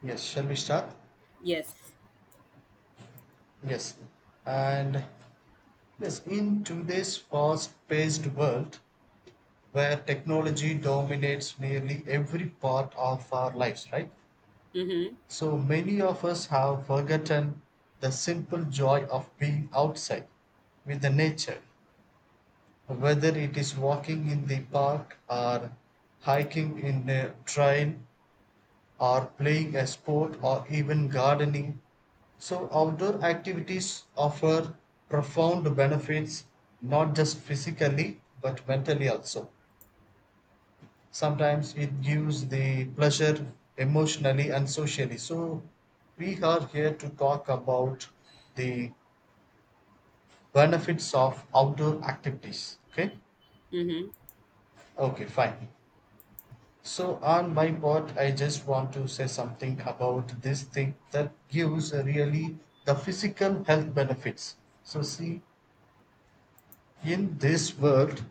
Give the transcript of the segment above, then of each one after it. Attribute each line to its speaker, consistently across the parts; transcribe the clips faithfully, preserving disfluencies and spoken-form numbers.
Speaker 1: Yes, shall we start?
Speaker 2: Yes.
Speaker 1: Yes. And yes, in today's fast paced world where technology dominates nearly every part of our lives, right?
Speaker 2: Mm-hmm.
Speaker 1: So many of us have forgotten the simple joy of being outside with the nature, whether it is walking in the park or hiking in a trail or playing a sport or even gardening. So, outdoor activities offer profound benefits not just physically but mentally also. Sometimes it gives the pleasure emotionally and socially. So, we are here to talk about the benefits of outdoor activities. Okay,
Speaker 2: Mm-hmm.
Speaker 1: okay, fine. So, on my part, I just want to say something about this thing that gives really the physical health benefits. So, see, in this world,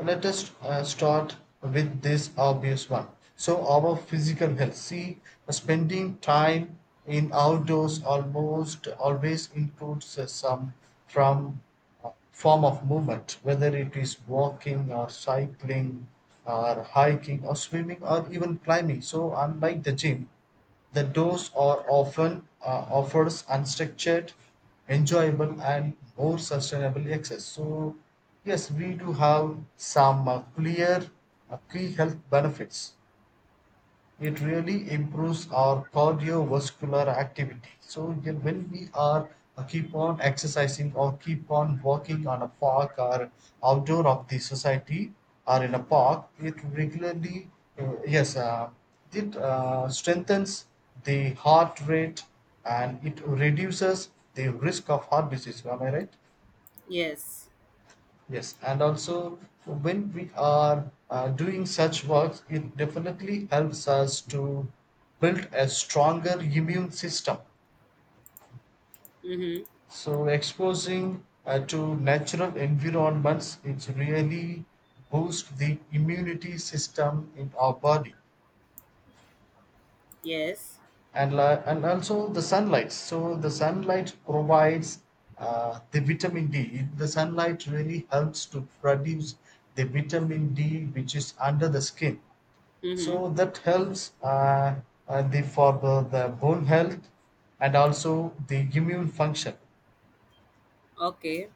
Speaker 1: let us uh, start with this obvious one. So, our physical health. See, spending time in outdoors almost always includes uh, some from uh, form of movement, whether it is walking or cycling or hiking or swimming or even climbing. So, unlike the gym, the doors are often uh, offers unstructured, enjoyable, and more sustainable access. So, yes, we do have some uh, clear uh, key health benefits. It really improves our cardiovascular activity. So yeah, when we are uh, keep on exercising or keep on walking on a park or outdoor of the society or in a park it regularly, uh, yes uh, it uh, strengthens the heart rate and it reduces the risk of heart disease, am I right?
Speaker 2: Yes.
Speaker 1: Yes, and also when we are uh, doing such works, it definitely helps us to build a stronger immune system.
Speaker 2: Mm-hmm.
Speaker 1: So exposing uh, to natural environments, it really boosts the immunity system in our body,
Speaker 2: Yes.
Speaker 1: and li- and also the sunlight. So the sunlight provides uh, the vitamin D. The sunlight really helps to produce the vitamin D, which is under the skin,
Speaker 2: Mm-hmm.
Speaker 1: so that helps uh, uh, the for the, the bone health and also the immune function,
Speaker 2: Okay.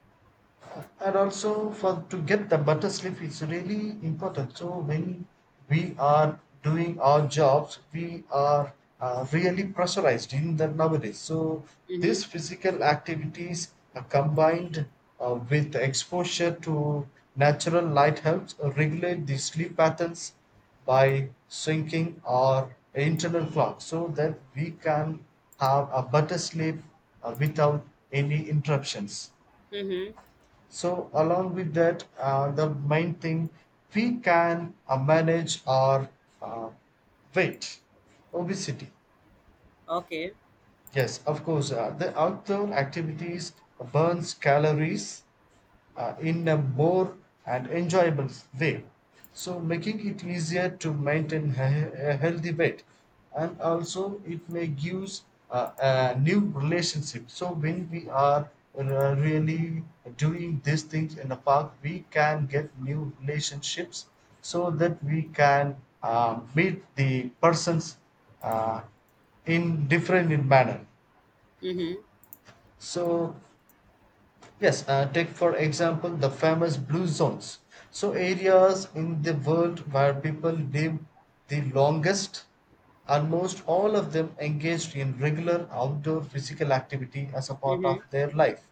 Speaker 1: and also for to get the better sleep is really important. So when we are doing our jobs we are uh, really pressurized in the nowadays, so these
Speaker 2: Mm-hmm.
Speaker 1: physical activities are combined uh, with exposure to natural light helps regulate the sleep patterns by syncing our internal clock so that we can have a better sleep uh, without any interruptions.
Speaker 2: Mm-hmm.
Speaker 1: So along with that, uh, the main thing we can uh, manage our uh, weight, obesity.
Speaker 2: Okay.
Speaker 1: Yes, of course, uh, the outdoor activities burns calories uh, in a more and enjoyable way, so making it easier to maintain he- a healthy weight, and also it may gives uh, a new relationship. So when we are uh, really doing these things in the park we can get new relationships so that we can uh, meet the persons uh, in different in manner.
Speaker 2: Mm-hmm.
Speaker 1: So yes, uh, take for example the famous blue zones. So, areas in the world where people live the longest, almost all of them engaged in regular outdoor physical activity as a part
Speaker 2: Mm-hmm.
Speaker 1: of their life.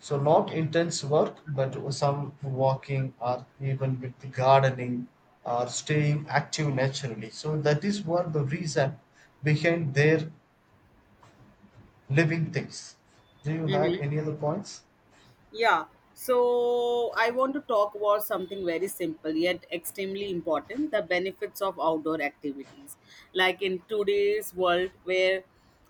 Speaker 1: So, not intense work, but some walking or even with gardening or staying active naturally. So, that is what the reason behind their living things. Do you had
Speaker 2: Mm-hmm.
Speaker 1: any other points?
Speaker 2: Yeah, so I want to talk about something very simple yet extremely important, the benefits of outdoor activities. Like, in today's world, where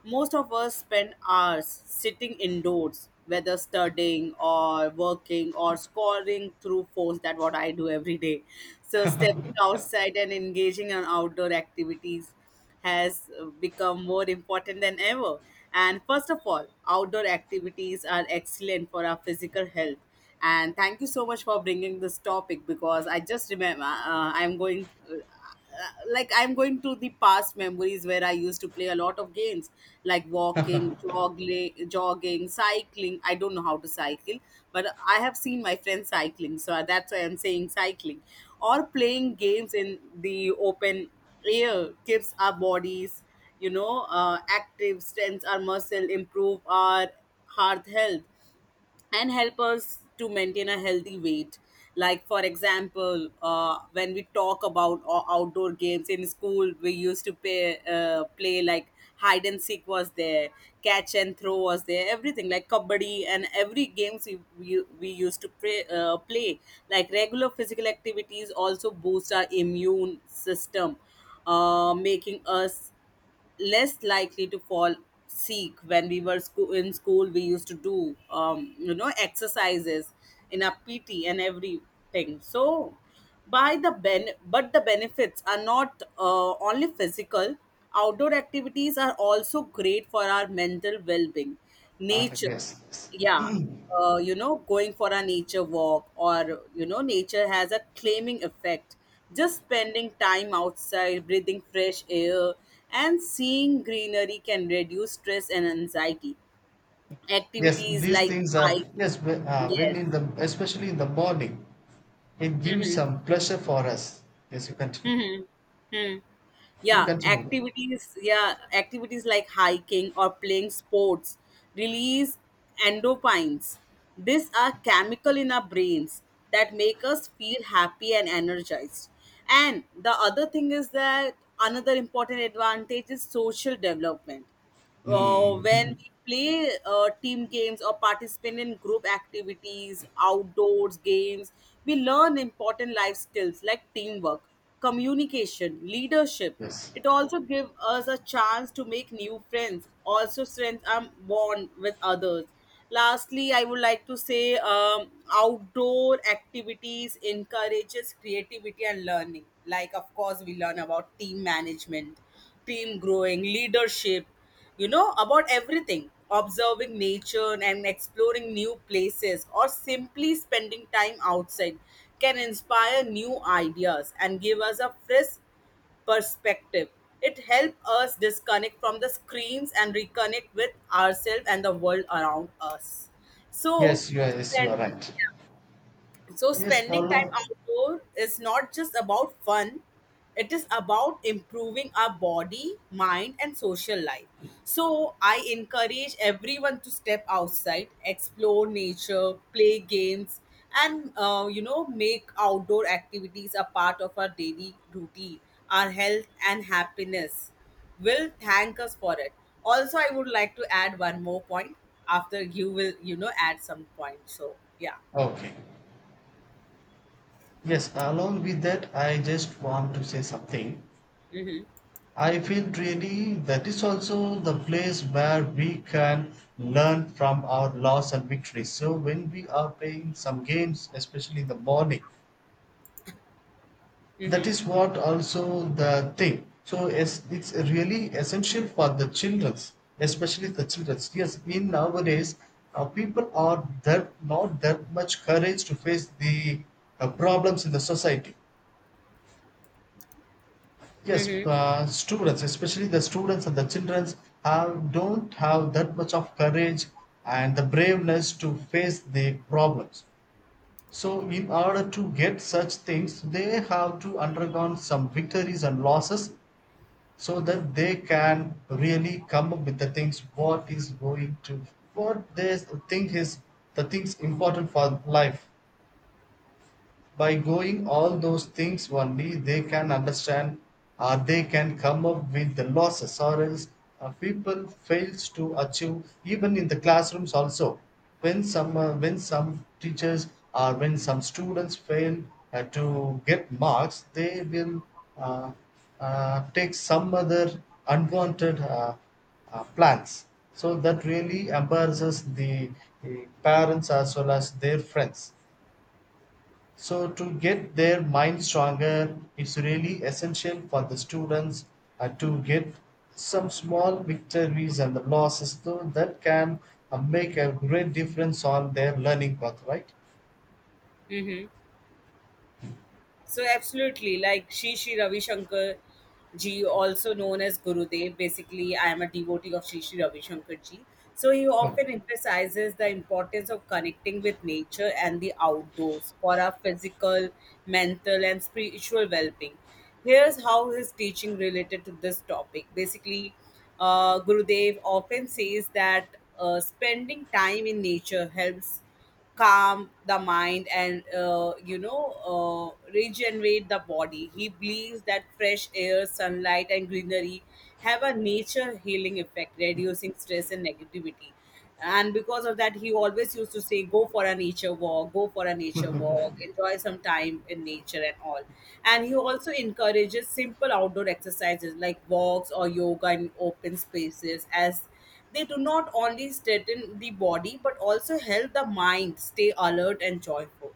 Speaker 2: most of us spend hours sitting indoors, whether studying or working or scoring through phones, that what I do every day. So, stepping outside and engaging in outdoor activities has become more important than ever. And first of all, outdoor activities are excellent for our physical health. And thank you so much for bringing this topic because I just remember uh, uh, I'm going uh, like I'm going to the past memories where I used to play a lot of games like walking, jogging, jogging, cycling. I don't know how to cycle, but I have seen my friends cycling, so that's why I'm saying cycling or playing games in the open air keeps our bodies you know uh, active, strengthens our muscle, improve our heart health and help us to maintain a healthy weight. Like, for example, uh, when we talk about o- outdoor games in school, we used to play, uh, play like hide and seek was there, catch and throw was there, everything like kabaddi and every games we, we, we used to play, uh, play. Like, regular physical activities also boost our immune system, uh, making us less likely to fall sick. When we were school in school, we used to do um, you know, exercises in our PT and everything. So by the ben but the benefits are not uh, only physical. Outdoor activities are also great for our mental well-being,
Speaker 1: Ah,
Speaker 2: nature,
Speaker 1: yes, yes.
Speaker 2: yeah. Uh, you know, going for a nature walk, or, you know, nature has a claiming effect. Just spending time outside, breathing fresh air, and seeing greenery can reduce stress and anxiety.
Speaker 1: Yes,
Speaker 2: Activities
Speaker 1: these
Speaker 2: like
Speaker 1: things are
Speaker 2: hiking.
Speaker 1: yes. wh- Uh, when
Speaker 2: Yes.
Speaker 1: in the especially in the morning, it gives
Speaker 2: Mm-hmm.
Speaker 1: some pleasure for us. Yes, you continue.
Speaker 2: Mm-hmm. Mm-hmm.
Speaker 1: You
Speaker 2: yeah
Speaker 1: continue.
Speaker 2: activities yeah activities like hiking or playing sports release endorphins. These are chemical in our brains that make us feel happy and energized. And the other thing is that another important advantage is social development. Uh, when
Speaker 1: Hmm.
Speaker 2: we play uh, team games or participate in group activities, outdoors games, we learn important life skills like teamwork, communication, leadership.
Speaker 1: Yes.
Speaker 2: It also gives us a chance to make new friends, also strengthens our bond with others. Lastly, I would like to say, um, outdoor activities encourages creativity and learning. Like, of course, we learn about team management, team growing, leadership, you know, about everything. Observing nature and exploring new places or simply spending time outside can inspire new ideas and give us a fresh perspective. It helps us disconnect from the screens and reconnect with ourselves and the world around us. so
Speaker 1: Yes, you are. Yes, you are
Speaker 2: spending
Speaker 1: right.
Speaker 2: yeah. So
Speaker 1: Yes,
Speaker 2: spending time
Speaker 1: along.
Speaker 2: outdoor is not just about fun, it is about improving our body, mind and social life. So I encourage everyone to step outside, explore nature, play games, and uh, you know, make outdoor activities a part of our daily routine. Our health and happiness will thank us for it. Also, I would like to add one more point after you will, you know, add some point. So yeah.
Speaker 1: Okay. Yes, along with that, I just want to say something.
Speaker 2: Mhm.
Speaker 1: I feel really that is also the place where we can learn from our loss and victories. So when we are playing some games, especially in the morning, that
Speaker 2: Mm-hmm.
Speaker 1: is what also the thing, so it's, it's really essential for the childrens, especially the childrens. Yes, in nowadays uh, people are that not that much courage to face the uh, problems in the society. Yes,
Speaker 2: Mm-hmm.
Speaker 1: uh, students, especially the students and the childrens, have don't have that much of courage and the braveness to face the problems. So in order to get such things they have to undergo some victories and losses so that they can really come up with the things what is going to what they think is the things important for life. By going all those things only they can understand or they can come up with the losses, or else uh, people fails to achieve even in the classrooms also. When some uh, when some teachers or when some students fail uh, to get marks, they will uh, uh, take some other unwanted uh, uh, plans, so that really embarrasses the uh, parents as well as their friends. So, to get their mind stronger, it's really essential for the students uh, to get some small victories and the losses, so that can uh, make a great difference on their learning path, right?
Speaker 2: Mm-hmm. So absolutely, like Shri Shri Ravi Shankar ji, also known as Gurudev. Basically, I am a devotee of Shri Shri Ravi Shankar ji. So he
Speaker 1: No.
Speaker 2: often emphasizes the importance of connecting with nature and the outdoors for our physical, mental, and spiritual well-being. Here's how his teaching related to this topic. Basically, uh, Gurudev often says that uh, spending time in nature helps calm the mind and, uh, you know, uh, regenerate the body. He believes that fresh air, sunlight and greenery have a nature healing effect, reducing stress and negativity. And because of that, he always used to say, go for a nature walk, go for a nature walk, enjoy some time in nature and all. And he also encourages simple outdoor exercises like walks or yoga in open spaces, as they do not only strengthen the body but also help the mind stay alert and joyful.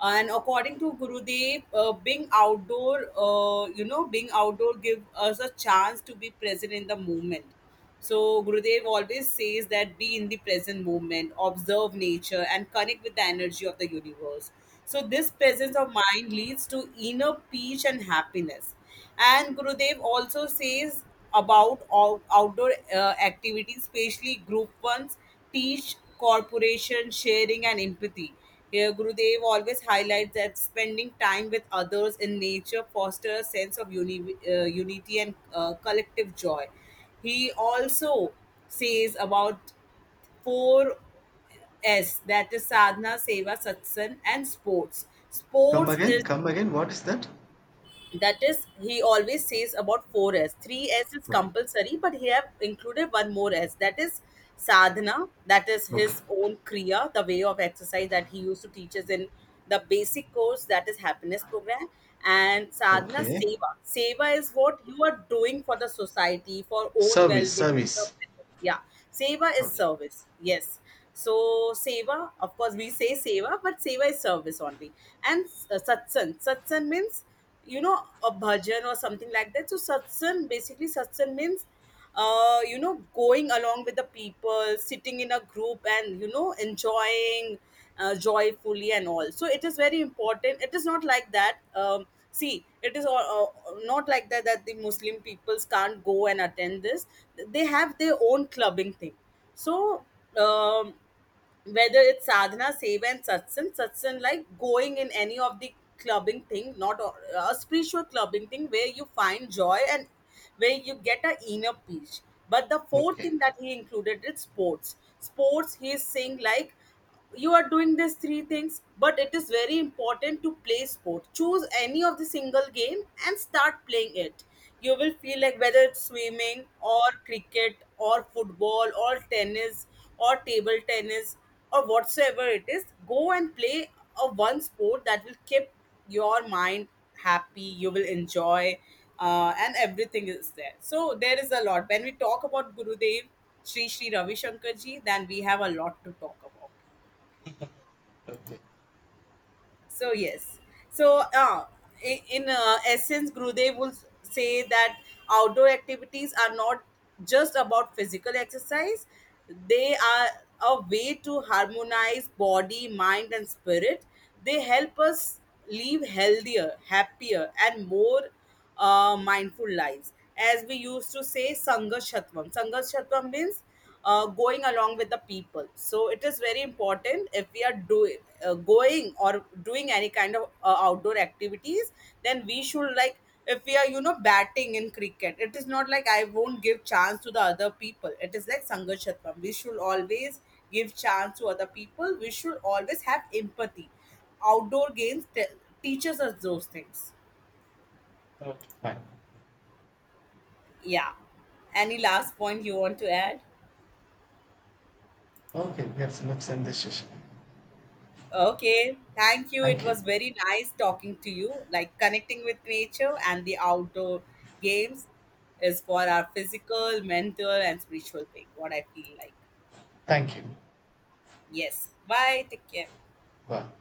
Speaker 2: And according to Gurudev, uh, being outdoor, uh, you know, being outdoor give us a chance to be present in the moment. So Gurudev always says that be in the present moment, observe nature, and connect with the energy of the universe. So this presence of mind leads to inner peace and happiness. And Gurudev also says about all outdoor uh, activities, especially group ones, teach corporation, sharing and empathy. Here, Gurudev always highlights that spending time with others in nature fosters a sense of uni- uh, unity and uh, collective joy. He also says about four S, that is sadhana, seva, satsang, and sports.
Speaker 1: Come
Speaker 2: Sports
Speaker 1: again,
Speaker 2: is,
Speaker 1: come again. What is that?
Speaker 2: that is, he always says about four S. Three S is
Speaker 1: No.
Speaker 2: compulsory, but he have included one more S. That is sadhana. That is
Speaker 1: Okay.
Speaker 2: his own kriya, the way of exercise that he used to teach us in the basic course, that is happiness program. And sadhana,
Speaker 1: Okay.
Speaker 2: seva. Seva is what you are doing for the society, for own
Speaker 1: Service,
Speaker 2: well-being.
Speaker 1: service.
Speaker 2: Yeah. Seva is
Speaker 1: Okay.
Speaker 2: service. Yes. So seva, of course, we say seva, but seva is service only. And uh, satsang. Satsang means, you know, a bhajan or something like that. So satsang, basically satsang means, uh, you know, going along with the people, sitting in a group and, you know, enjoying uh, joyfully and all. So it is very important. It is not like that, um, see, it is all, uh, not like that, that the muslim peoples can't go and attend this. They have their own clubbing thing. So, um, whether it's sadhana, seva, and satsang, satsang like going in any of the clubbing thing, not a, a spiritual clubbing thing where you find joy and where you get a inner peace. But the fourth
Speaker 1: Okay.
Speaker 2: thing that he included is sports. Sports, he is saying, like, you are doing these three things, but it is very important to play sport. Choose any of the single game and start playing it. You will feel like, whether it's swimming or cricket or football or tennis or table tennis or whatsoever it is, go and play a one sport. That will keep your mind happy. You will enjoy, uh, and everything is there. So there is a lot. When we talk about Gurudev Sri Sri Ravi Shankar ji, then we have a lot to talk about. So yes, so uh, i- in uh, essence, Gurudev will say that outdoor activities are not just about physical exercise; they are a way to harmonize body, mind, and spirit. They help us live healthier, happier, and more, uh, mindful lives. As we used to say, Sangashatvam. Sangashatvam means, uh, going along with the people. So it is very important, if we are doing, uh, going or doing any kind of uh, outdoor activities, then we should, like, if we are, you know, batting in cricket. It is not like I won't give chance to the other people. It is like Sangashatvam. We should always give chance to other people. We should always have empathy. Outdoor games te- teaches us those things.
Speaker 1: Okay, fine.
Speaker 2: Yeah. Any last point you want to add?
Speaker 1: Okay. Yes. Let's end this session.
Speaker 2: Okay. Thank you.
Speaker 1: Thank
Speaker 2: It
Speaker 1: you.
Speaker 2: was very nice talking to you. Like connecting with nature and the outdoor games is for our physical, mental, and spiritual being. What I feel like.
Speaker 1: Thank you.
Speaker 2: Yes. Bye. Take care.
Speaker 1: Well,